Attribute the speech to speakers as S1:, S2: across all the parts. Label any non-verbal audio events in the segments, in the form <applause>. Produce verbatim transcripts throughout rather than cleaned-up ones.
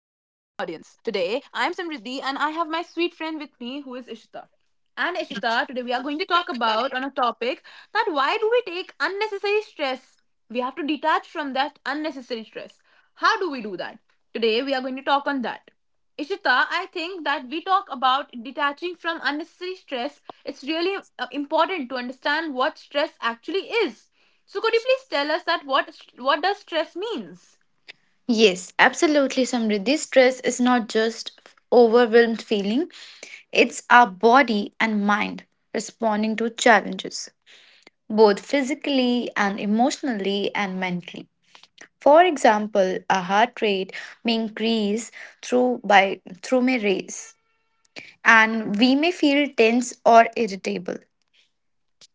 S1: Today, I'm Simriddhi and I have my sweet friend with me who is Ishita. And Ishita, today we are going to talk about on a topic that why do we take unnecessary stress? We have to detach from that unnecessary stress. How do we do that? Today we are going to talk on that. Ishita, I think that we talk about detaching from unnecessary stress. It's really uh, important to understand what stress actually is so could you please tell us that what what does stress means?
S2: Yes, absolutely, Samriddhi. Stress is not just f- overwhelmed feeling, it's our body and mind responding to challenges, both physically and emotionally and mentally. For example, a heart rate may increase through by through may raise, and we may feel tense or irritable.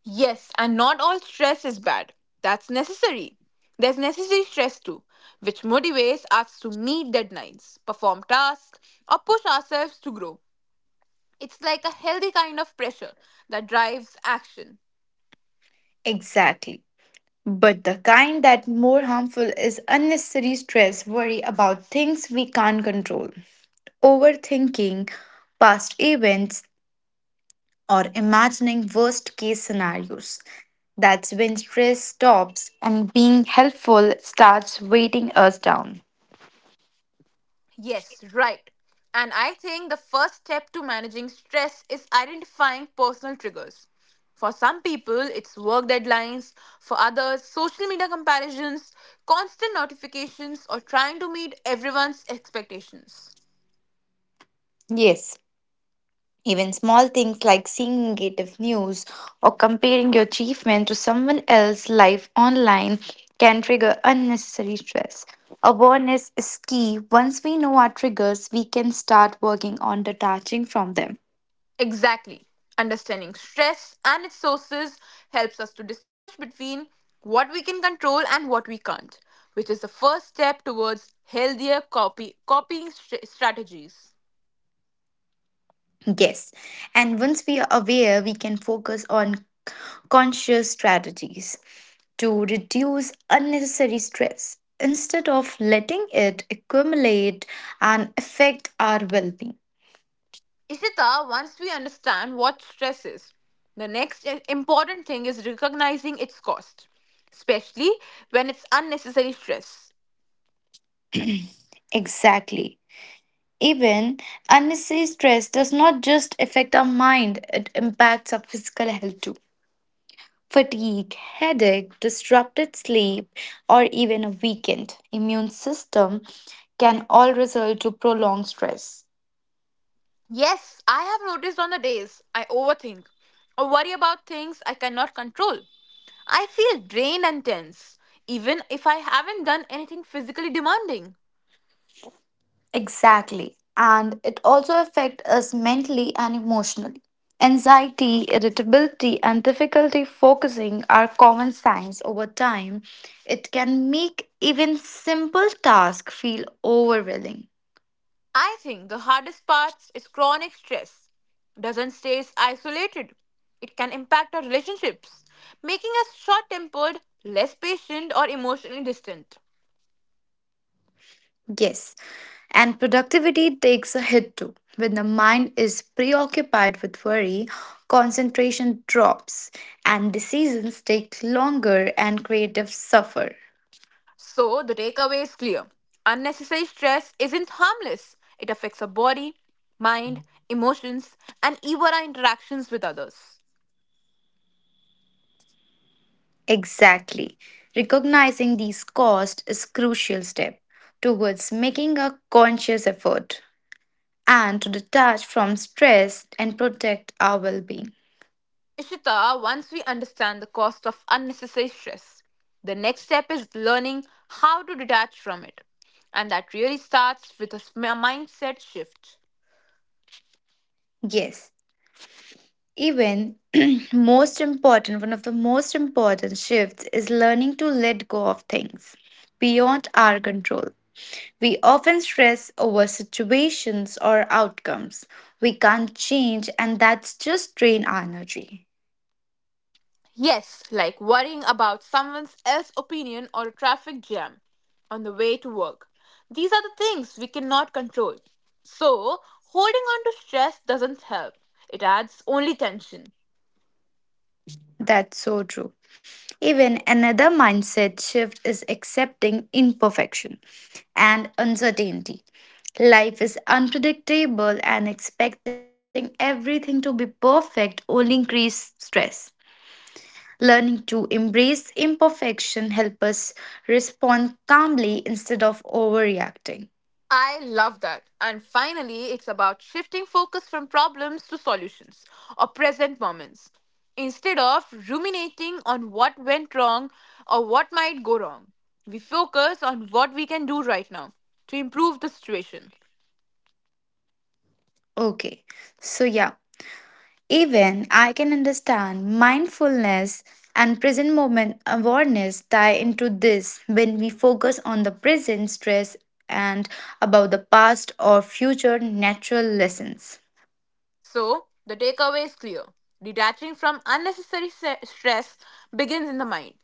S1: Yes, and not all stress is bad. That's necessary. There's necessary stress too, which motivates us to meet deadlines, perform tasks, or push ourselves to grow. It's like a healthy kind of pressure that drives action.
S2: Exactly. But the kind that more harmful is unnecessary stress, worry about things we can't control. Overthinking past events, or imagining worst case scenarios. That's when stress stops and being helpful starts weighting us down.
S1: Yes, right. And I think the first step to managing stress is identifying personal triggers. For some people, it's work deadlines; for others, social media comparisons, constant notifications, or trying to meet everyone's expectations.
S2: Yes, even small things like seeing negative news or comparing your achievement to someone else's life online can trigger unnecessary stress. Awareness is key. Once we know our triggers, we can start working on detaching from them.
S1: Exactly. Understanding stress and its sources helps us to distinguish between what we can control and what we can't, which is the first step towards healthier copy- copying stra- strategies.
S2: Yes. And once we are aware, we can focus on conscious strategies to reduce unnecessary stress instead of letting it accumulate and affect our well being.
S1: Ishita, once we understand what stress is, the next i- important thing is recognizing its cost, especially when it's unnecessary stress.
S2: Exactly. Even unnecessary stress does not just affect our mind, it impacts our physical health too. Fatigue, headache, disrupted sleep, or even a weakened immune system can all result to prolonged stress.
S1: Yes, I have noticed on the days I overthink or worry about things I cannot control. I feel drained and tense, even if I haven't done anything physically demanding.
S2: Exactly. And it also affects us mentally and emotionally. Anxiety, irritability, and difficulty focusing are common signs over time. It can make even simple tasks feel overwhelming.
S1: I think the hardest part is chronic stress. Doesn't stay isolated. It can impact our relationships, making us short tempered, less patient, or emotionally distant.
S2: Yes. And productivity takes a hit too. When the mind is preoccupied with worry, concentration drops, and decisions take longer and creative suffer.
S1: So, the takeaway is clear: unnecessary stress isn't harmless, it affects our body, mind, emotions, and even our interactions with others.
S2: Exactly. Recognizing these costs is crucial step towards making a conscious effort and to detach from stress and protect our well-being.
S1: Ishita, once we understand the cost of unnecessary stress, the next step is learning how to detach from it. And that really starts with a s- m- mindset shift.
S2: Yes, even <clears throat> most important, one of the most important shifts is learning to let go of things beyond our control. We often stress over situations or outcomes we can't change, and that's just drain our energy.
S1: Yes, like worrying about someone else's opinion or a traffic jam on the way to work. These are the things we cannot control. So, holding on to stress doesn't help, it adds only tension.
S2: That's so true. Even another mindset shift is accepting imperfection and uncertainty. Life is unpredictable, and expecting everything to be perfect only increases stress. Learning to embrace imperfection helps us respond calmly instead of overreacting.
S1: I love that. And finally, it's about shifting focus from problems to solutions or present moments. Instead of ruminating on what went wrong or what might go wrong, we focus on what we can do right now to improve the situation.
S2: Okay, so yeah, even I can understand mindfulness and present moment awareness tie into this when we focus on the present stress and about the past or future natural lessons.
S1: So, the takeaway is clear: detaching from unnecessary se- stress begins in the mind.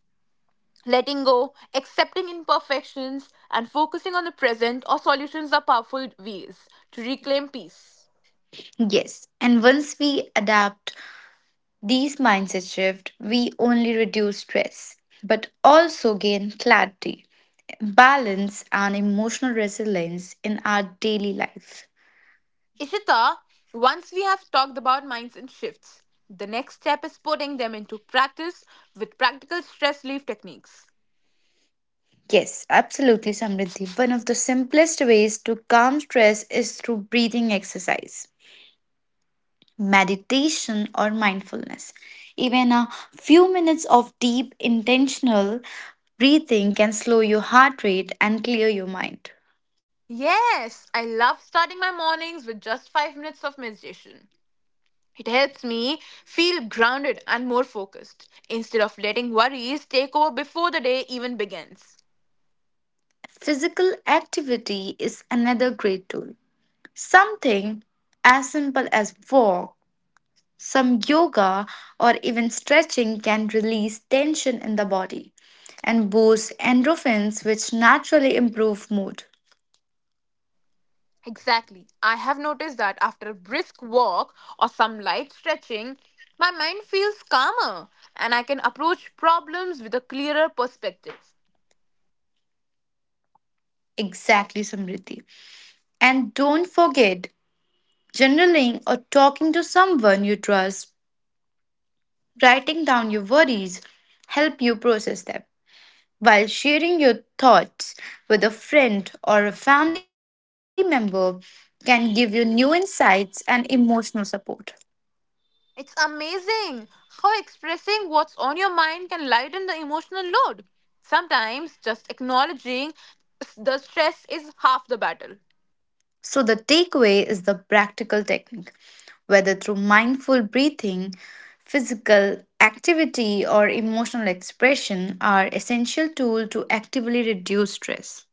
S1: Letting go, accepting imperfections, and focusing on the present or solutions are powerful ways to reclaim peace.
S2: Yes, and once we adapt these mindset shift, we only reduce stress but also gain clarity, balance and emotional resilience in our daily life.
S1: Ishita, once we have talked about minds and shifts, the next step is putting them into practice with practical stress relief techniques.
S2: Yes, absolutely, Samriddhi. One of the simplest ways to calm stress is through breathing exercise, meditation, or mindfulness. Even a few minutes of deep, intentional breathing can slow your heart rate and clear your mind.
S1: Yes, I love starting my mornings with just five minutes of meditation. It helps me feel grounded and more focused instead of letting worries take over before the day even begins.
S2: Physical activity is another great tool. Something as simple as walk, some yoga or even stretching can release tension in the body and boost endorphins, which naturally improve mood.
S1: Exactly. I have noticed that after a brisk walk or some light stretching, my mind feels calmer and I can approach problems with a clearer perspective.
S2: Exactly, Samriti. And don't forget journaling or talking to someone you trust, writing down your worries, help you process them. While sharing your thoughts with a friend or a family member can give you new insights and emotional support.
S1: It's amazing how expressing what's on your mind can lighten the emotional load. Sometimes just acknowledging the stress is half the battle.
S2: So, the takeaway is the practical technique, whether through mindful breathing, physical activity, or emotional expression, are essential tools to actively reduce stress.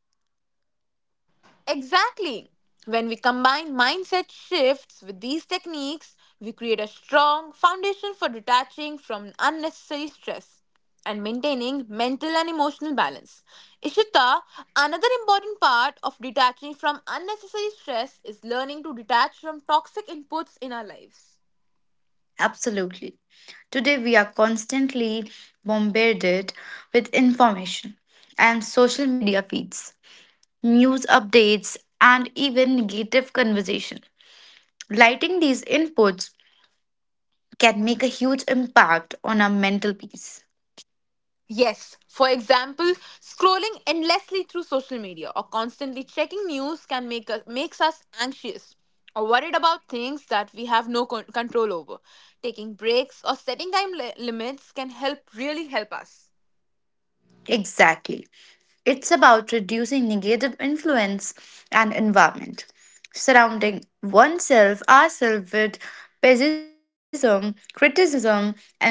S1: Exactly. When we combine mindset shifts with these techniques, we create a strong foundation for detaching from unnecessary stress and maintaining mental and emotional balance. Ishita, another important part of detaching from unnecessary stress is learning to detach from toxic inputs in our lives.
S2: Absolutely. Today, we are constantly bombarded with information and social media feeds, news updates, and even negative conversation. Lighting these inputs can make a huge impact on our mental peace.
S1: Yes, for example, scrolling endlessly through social media or constantly checking news can make us, makes us anxious or worried about things that we have no con- control over. Taking breaks or setting time li- limits can help really help us.
S2: Exactly. It's about reducing negative influence and environment, surrounding oneself, ourselves with pessimism, criticism, and drama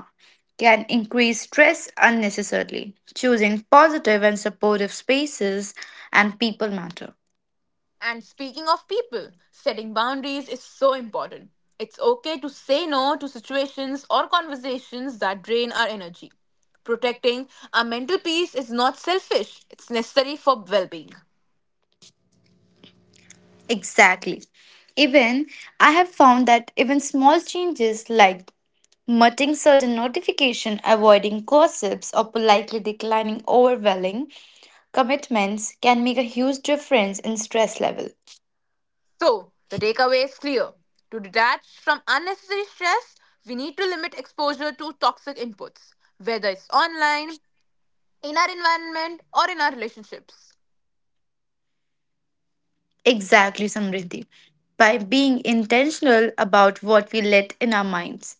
S2: can increase stress unnecessarily. Choosing positive and supportive spaces and people matter.
S1: And speaking of people, setting boundaries is so important. It's okay to say no to situations or conversations that drain our energy. Protecting our mental peace is not selfish, it's necessary for well being.
S2: Exactly. Even I have found that even small changes like muting certain notification, avoiding gossips, or politely declining overwhelming commitments can make a huge difference in stress level.
S1: So, the takeaway is clear. To detach from unnecessary stress, we need to limit exposure to toxic inputs, whether it's online, in our environment, or in our relationships.
S2: Exactly, Samriddhi. By being intentional about what we let in our minds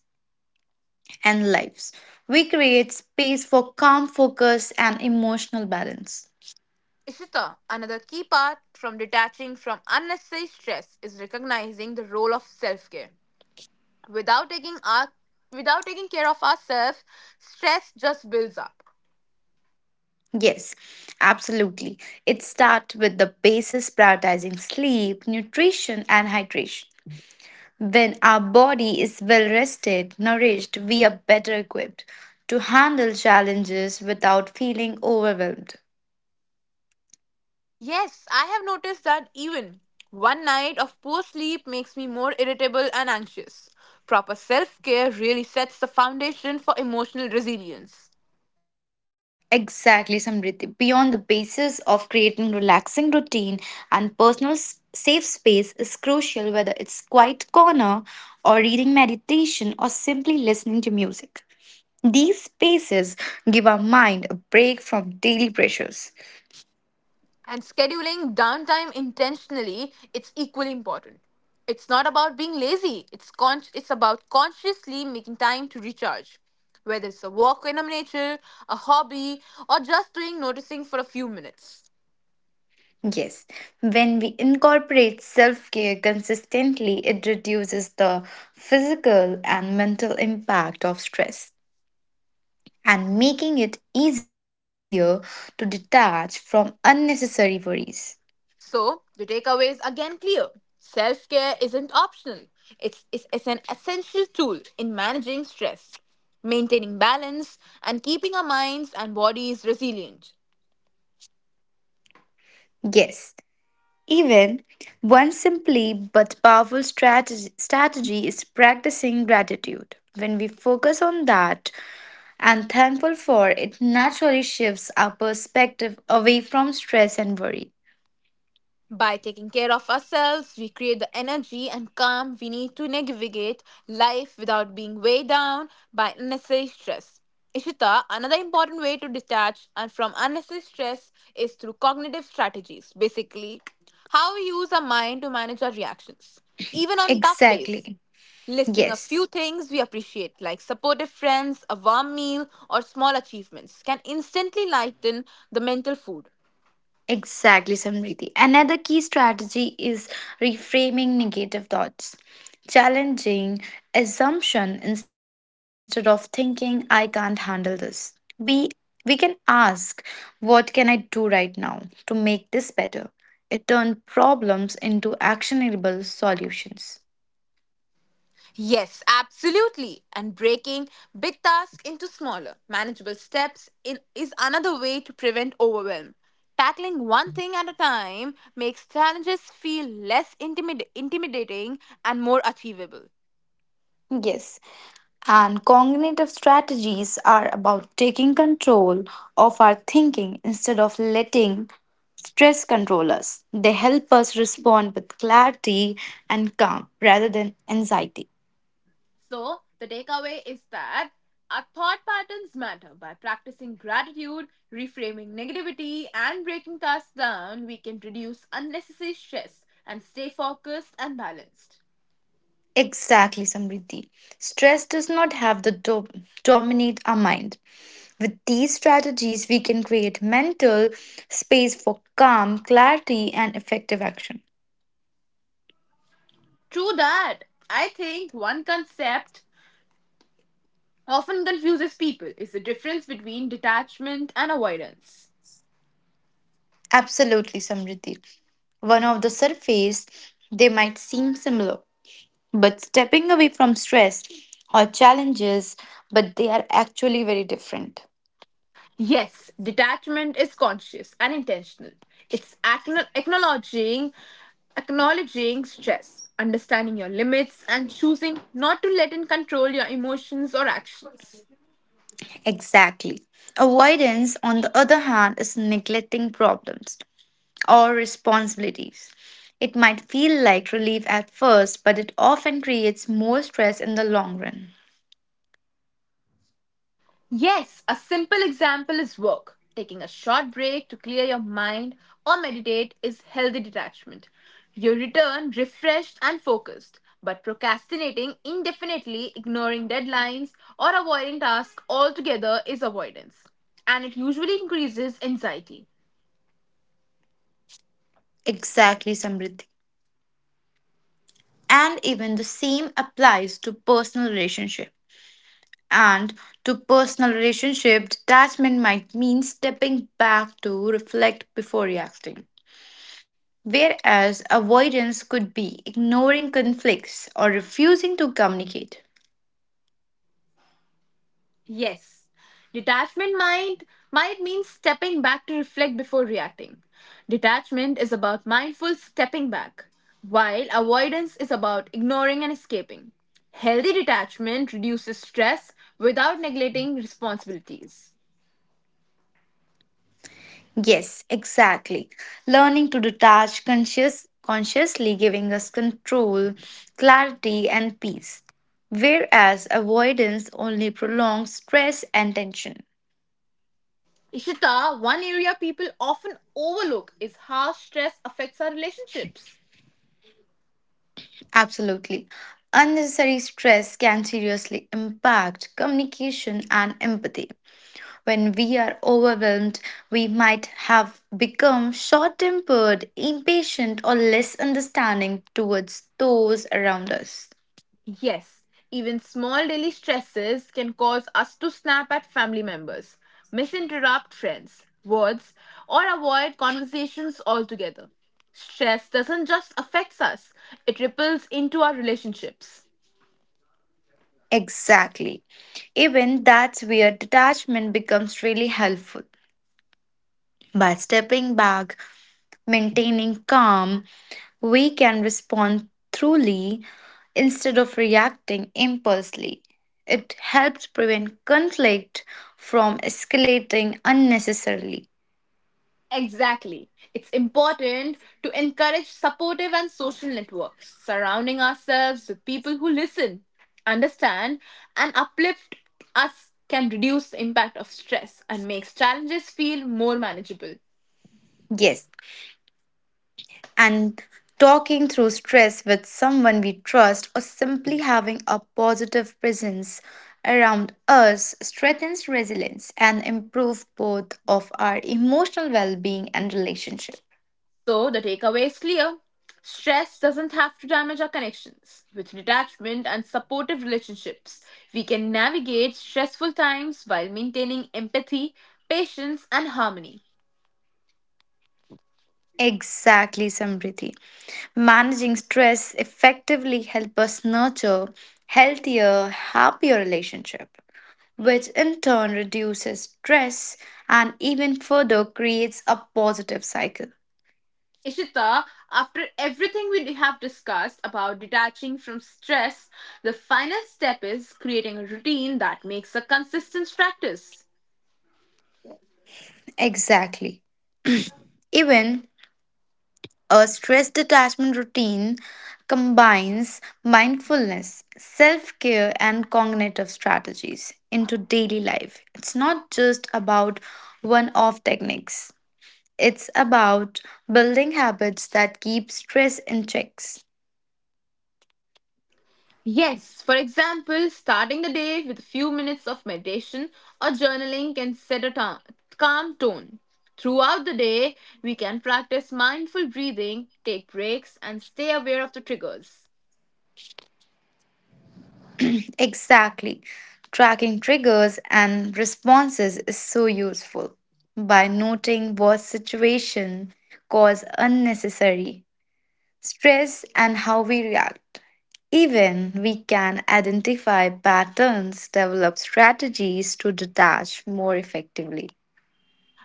S2: and lives, we create space for calm focus and emotional balance.
S1: Ishita, another key part from detaching from unnecessary stress is recognizing the role of self-care. Without taking our Without taking care of ourselves, stress just builds up.
S2: Yes, absolutely. It starts with the basis prioritizing sleep, nutrition, and hydration. When our body is well rested, nourished, we are better equipped to handle challenges without feeling overwhelmed.
S1: Yes, I have noticed that even one night of poor sleep makes me more irritable and anxious. Proper self care really sets the foundation for emotional resilience.
S2: Exactly, Samriti. Beyond the basis of creating relaxing routine and personal s- safe space is crucial whether it's quiet corner or reading meditation or simply listening to music. These spaces give our mind a break from daily pressures.
S1: And scheduling downtime intentionally, it's equally important. It's not about being lazy, it's, con- it's about consciously making time to recharge. Whether it's a walk in nature, a hobby, or just doing noticing for a few minutes.
S2: Yes, when we incorporate self care consistently, it reduces the physical and mental impact of stress, and making it easier to detach from unnecessary worries.
S1: So, the takeaway is again clear. Self care isn't optional, it's, it's, it's an essential tool in managing stress, maintaining balance, and keeping our minds and bodies resilient.
S2: Yes, even one simply but powerful strategy, strategy is practicing gratitude. When we focus on that and thankful for it naturally shifts our perspective away from stress and worry.
S1: By taking care of ourselves, we create the energy and calm we need to navigate life without being weighed down by unnecessary stress. Ishita, another important way to detach and from unnecessary stress is through cognitive strategies, basically how we use our mind to manage our reactions, even on tough days.
S2: Exactly.
S1: Listing a
S2: Yes.
S1: few things we appreciate, like supportive friends, a warm meal, or small achievements, can instantly lighten the mental food.
S2: Exactly, Samriti. Another key strategy is reframing negative thoughts, challenging assumption instead of thinking I can't handle this. We we can ask, what can I do right now to make this better? It turns problems into actionable solutions.
S1: Yes, absolutely. And breaking big tasks into smaller, manageable steps in, is another way to prevent overwhelm. Tackling one thing at a time makes challenges feel less intimid- intimidating and more achievable.
S2: Yes. And cognitive strategies are about taking control of our thinking instead of letting stress control us. They help us respond with clarity and calm rather than anxiety.
S1: So, the takeaway is that our thought patterns matter. By practicing gratitude, reframing negativity, and breaking tasks down, we can reduce unnecessary stress and stay focused and balanced.
S2: Exactly, Samriddhi. Stress does not have the do- dominate our mind. With these strategies, we can create mental space for calm, clarity, and effective action.
S1: True that. I think one concept often confuses people is the difference between detachment and avoidance.
S2: Absolutely, Samriddhi. One of the surface, they might seem similar, but stepping away from stress or challenges, but they are actually very different.
S1: Yes, detachment is conscious and intentional. It's acknow- acknowledging acknowledging stress, understanding your limits and choosing not to let it control your emotions or actions.
S2: Exactly. Avoidance, on the other hand, is neglecting problems or responsibilities. It might feel like relief at first, but it often creates more stress in the long run.
S1: Yes, a simple example is work. Taking a short break to clear your mind or meditate is healthy detachment. You return refreshed and focused, but procrastinating indefinitely, ignoring deadlines, or avoiding tasks altogether is avoidance. And it usually increases anxiety.
S2: Exactly, Samriddhi. And even the same applies to personal relationship. And to personal relationship, detachment might mean stepping back to reflect before reacting. Whereas avoidance could be ignoring conflicts or refusing to communicate.
S1: Yes. Detachment might might mean stepping back to reflect before reacting. Detachment is about mindful stepping back, while avoidance is about ignoring and escaping. Healthy detachment reduces stress without neglecting responsibilities.
S2: Yes, exactly. Learning to detach conscious, consciously giving us control, clarity, and peace. Whereas avoidance only prolongs stress and tension.
S1: Ishita, one area people often overlook is how stress affects our relationships.
S2: Absolutely. Unnecessary stress can seriously impact communication and empathy. When we are overwhelmed, we might have become short tempered, impatient, or less understanding towards those around us.
S1: Yes, even small daily stresses can cause us to snap at family members, misinterrupt friends, words, or avoid conversations altogether. Stress doesn't just affect us, it ripples into our relationships.
S2: Exactly. Even that's where detachment becomes really helpful. By stepping back, maintaining calm, we can respond truly instead of reacting impulsively. It helps prevent conflict from escalating unnecessarily.
S1: Exactly. It's important to encourage supportive and social networks; surrounding ourselves with people who listen, understand, and uplift us can reduce the impact of stress and makes challenges feel more manageable.
S2: Yes, and talking through stress with someone we trust or simply having a positive presence around us strengthens resilience and improves both of our emotional well-being and relationship.
S1: So the takeaway is clear. Stress doesn't have to damage our connections. With detachment and supportive relationships, we can navigate stressful times while maintaining empathy, patience, and harmony.
S2: Exactly, Samriddhi. Managing stress effectively helps us nurture healthier, happier relationship, which in turn reduces stress and even further creates a positive cycle.
S1: Ishita, after everything we have discussed about detaching from stress, the final step is creating a routine that makes a consistent practice.
S2: Exactly. Even a stress detachment routine combines mindfulness, self care, and cognitive strategies into daily life. It's not just about one off techniques. It's about building habits that keep stress in checks.
S1: Yes, for example, starting the day with a few minutes of meditation or journaling can set a ta- calm tone. Throughout the day, we can practice mindful breathing, take breaks, and stay aware of the triggers.
S2: Exactly. Tracking triggers and responses is so useful. By noting what situation cause unnecessary stress and how we react. Even we can identify patterns, develop strategies to detach more effectively.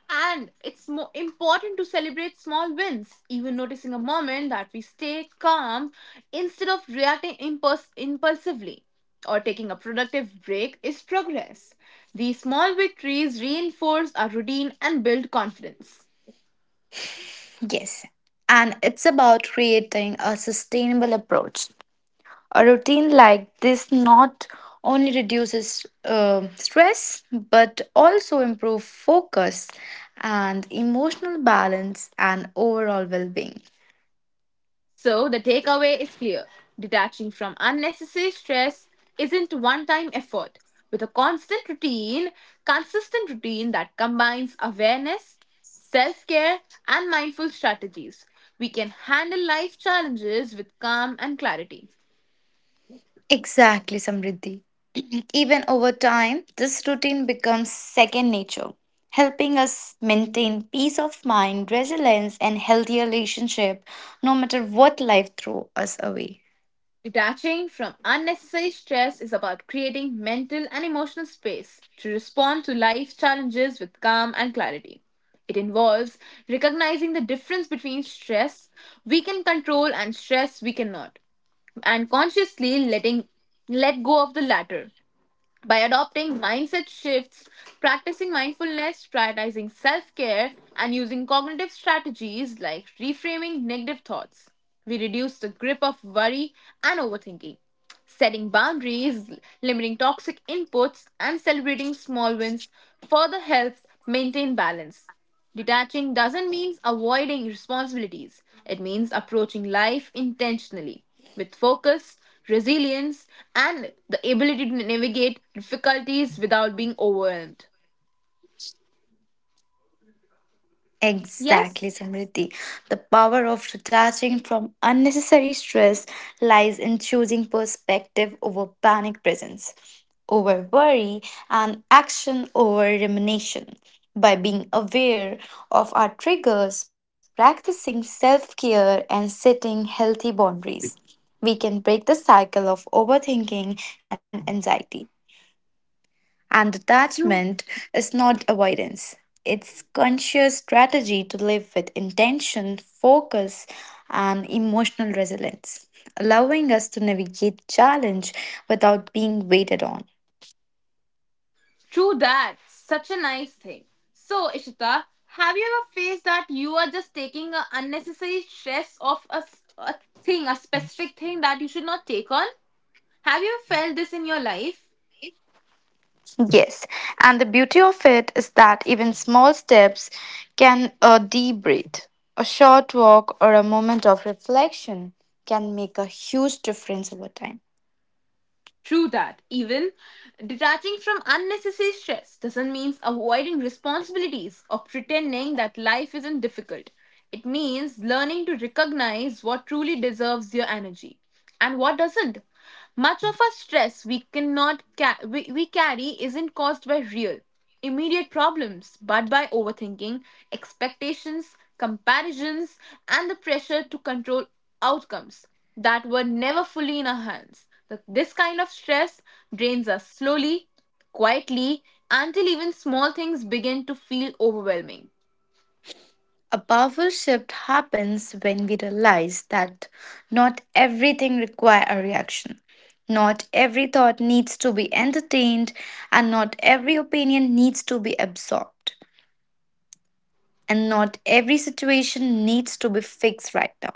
S1: And it's more important to celebrate small wins, even noticing a moment that we stay calm instead of reacting impulse- impulsively or taking a productive break is progress. These small victories reinforce our routine and build confidence.
S2: Yes. And it's about creating a sustainable approach. A routine like this not only reduces uh, stress but also improve focus and emotional balance and overall well-being.
S1: So the takeaway is clear. Detaching from unnecessary stress isn't one time effort. With a constant routine, consistent routine that combines awareness, self care, and mindful strategies, we can handle life challenges with calm and clarity.
S2: Exactly, Samriddhi. <clears throat> Even over time, this routine becomes second nature, helping us maintain peace of mind, resilience, and healthy relationship no matter what life throws us away.
S1: Detaching from unnecessary stress is about creating mental and emotional space to respond to life's challenges with calm and clarity. It involves recognizing the difference between stress we can control and stress we cannot, and consciously letting let go of the latter by adopting mindset shifts, practicing mindfulness, prioritizing self care, and using cognitive strategies like reframing negative thoughts. We reduce the grip of worry and overthinking. Setting boundaries, limiting toxic inputs, and celebrating small wins further helps maintain balance. Detaching doesn't mean avoiding responsibilities, it means approaching life intentionally with focus, resilience, and the ability to navigate difficulties without being overwhelmed.
S2: Exactly,
S1: Yes,
S2: Samriti. The power of detaching from unnecessary stress lies in choosing perspective over panic presence, over worry, and action over rumination. By being aware of our triggers, practicing self care, and setting healthy boundaries, we can break the cycle of overthinking and anxiety. And detachment is not avoidance. It's conscious strategy to live with intention, focus, and emotional resilience, allowing us to navigate challenge without being waited on.
S1: true that. Such a nice thing. So, Ishita, have you ever faced that you are just taking an unnecessary stress of a, s- a thing, a specific thing that you should not take on? Have you felt this in your life?
S2: Yes, and the beauty of it is that even small steps can a deep breath, a short walk, or a moment of reflection can make a huge difference over time.
S1: True that. Even detaching from unnecessary stress doesn't mean avoiding responsibilities or pretending that life isn't difficult. It means learning to recognize what truly deserves your energy and what doesn't. Much of our stress we cannot ca- we, we carry isn't caused by real immediate problems, but by overthinking, expectations, comparisons, and the pressure to control outcomes that were never fully in our hands. The- This kind of stress drains us slowly, quietly, until even small things begin to feel overwhelming.
S2: A powerful shift happens when we realize that not everything requires a reaction. Not every thought needs to be entertained, and not every opinion needs to be absorbed and not every situation needs to be fixed right now.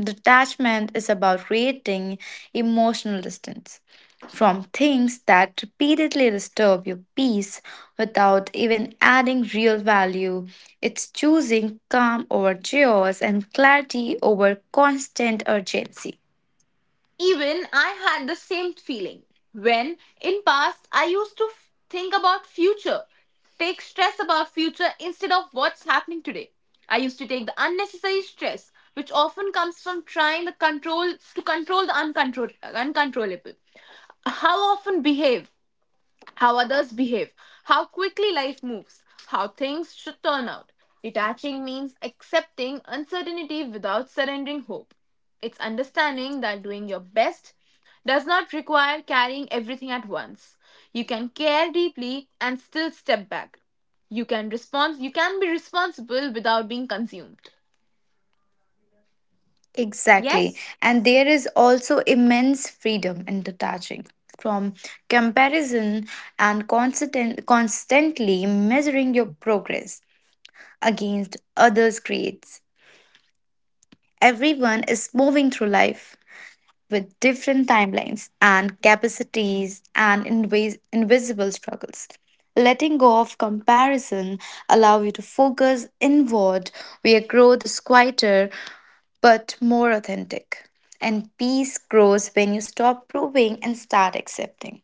S2: Detachment is about creating emotional distance from things that repeatedly disturb your peace without even adding real value. It's choosing calm over chaos and clarity over constant urgency.
S1: Even I had the same feeling when in past I used to f- think about future, take stress about future instead of what's happening today. I used to take the unnecessary stress which often comes from trying the control to control the uncontrol- uncontrollable. How often behave, how others behave, how quickly life moves, how things should turn out. Detaching means accepting uncertainty without surrendering hope. It's understanding that doing your best does not require carrying everything at once. You can care deeply and still step back. You can respond you can be responsible without being consumed.
S2: Exactly.
S1: Yes?
S2: And there is also immense freedom in detaching from comparison and constant, constantly measuring your progress against others' creates. Everyone is moving through life with different timelines and capacities and invis- invisible struggles. Letting go of comparison allow you to focus inward where growth is quieter but more authentic. And peace grows when you stop proving and start accepting.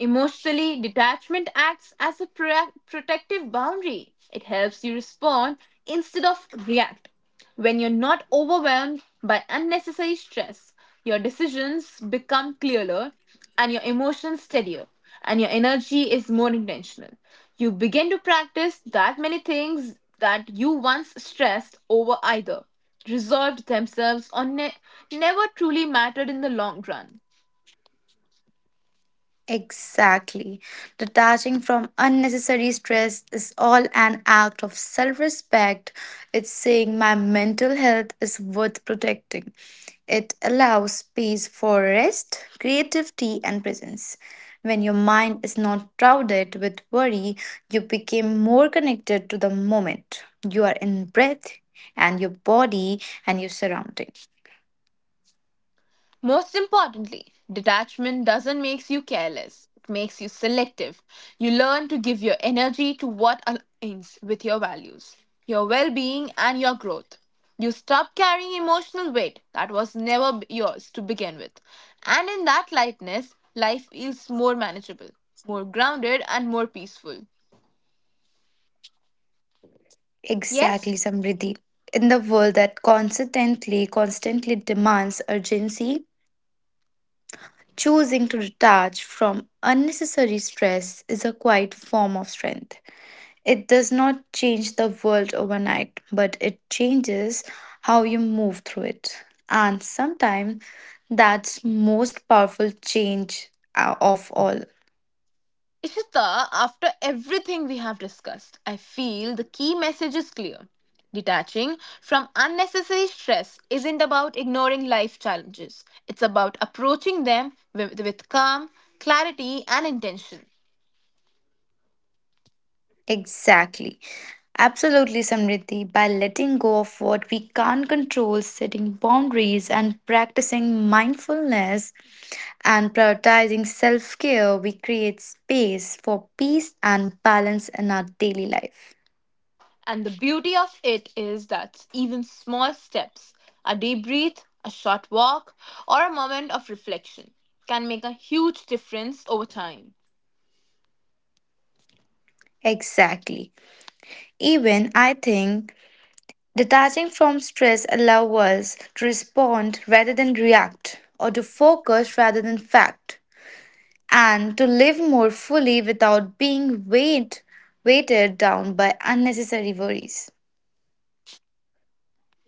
S1: Emotionally, detachment acts as a pro- protective boundary. It helps you respond instead of react. When you're not overwhelmed by unnecessary stress, your decisions become clearer and your emotions steadier, and your energy is more intentional. You begin to practice that many things that you once stressed over either resolved themselves or ne- never truly mattered in the long run.
S2: Exactly. Detaching from unnecessary stress is all an act of self respect. It's saying my mental health is worth protecting. It allows space for rest, creativity, and presence. When your mind is not crowded with worry, you become more connected to the moment. You are in breath and your body and your surroundings.
S1: Most importantly, detachment doesn't make you careless. It makes you selective. You learn to give your energy to what aligns with your values, your well being, and your growth. You stop carrying emotional weight that was never b- yours to begin with. And in that lightness, life feels more manageable, more grounded, and more peaceful.
S2: Exactly,
S1: Yes,
S2: Samriddhi. In the world that constantly, constantly demands urgency, choosing to detach from unnecessary stress is a quiet form of strength. It does not change the world overnight, but it changes how you move through it. And sometimes that's most powerful change uh, of all.
S1: Ishita, after everything we have discussed, I feel the key message is clear. Detaching from unnecessary stress isn't about ignoring life challenges, it's about approaching them with, with calm, clarity, and intention.
S2: Exactly. Absolutely, Samriddhi. By letting go of what we can't control, setting boundaries, and practicing mindfulness and prioritizing self care, we create space for peace and balance in our daily life.
S1: And the beauty of it is that even small steps, a deep breath, a short walk, or a moment of reflection, can make a huge difference over time.
S2: Exactly. Even I think detaching from stress allows us to respond rather than react, or to focus rather than fact, and to live more fully without being weighed, weighted down by unnecessary worries.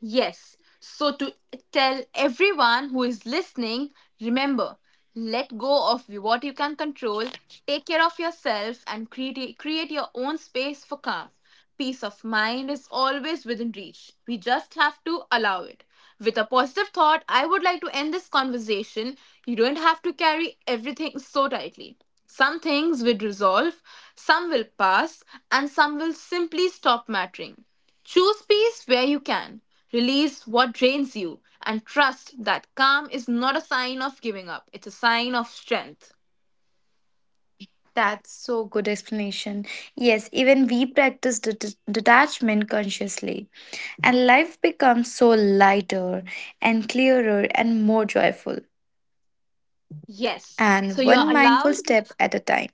S1: Yes. So, to tell everyone who is listening, remember let go of what you can control, take care of yourself, and create, create your own space for calm. Peace of mind is always within reach. We just have to allow it. With a positive thought, I would like to end this conversation. You don't have to carry everything so tightly. Some things will resolve, some will pass, and some will simply stop mattering. Choose peace where you can, release what drains you, and trust that calm is not a sign of giving up, it's a sign of strength.
S2: That's so good explanation. Yes, even we practice det- detachment consciously, and life becomes so lighter and clearer and more joyful.
S1: Yes. So
S2: And
S1: you are
S2: one mindful
S1: allowed,
S2: step at a time.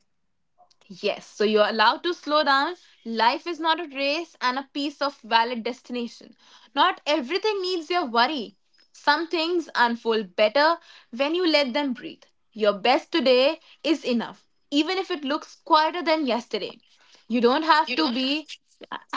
S1: yes. So you are allowed to slow down. Life is not a race and a piece of valid destination. Not everything needs your worry. Some things unfold better when you let them breathe. Your best today is enough, even if it looks quieter than yesterday. You don't have to be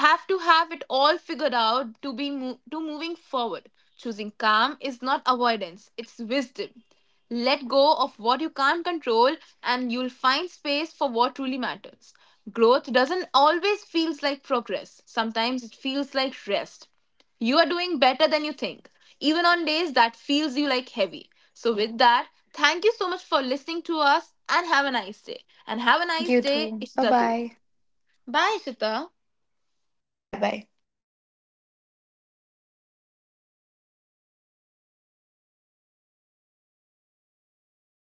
S1: have to have it all figured out to be mo- to moving forward. Choosing calm is not avoidance, it's wisdom. Let go of what you can't control, and you'll find space for what truly matters. Growth doesn't always feels like progress, sometimes it feels like rest. You are doing better than you think, even on days that feels you like heavy. So with that, thank you so much for listening to us and have a nice day. And have a
S2: You
S1: nice day
S2: too.
S1: it's
S2: Bye
S1: the
S2: bye.
S1: Başta
S2: Bye bye.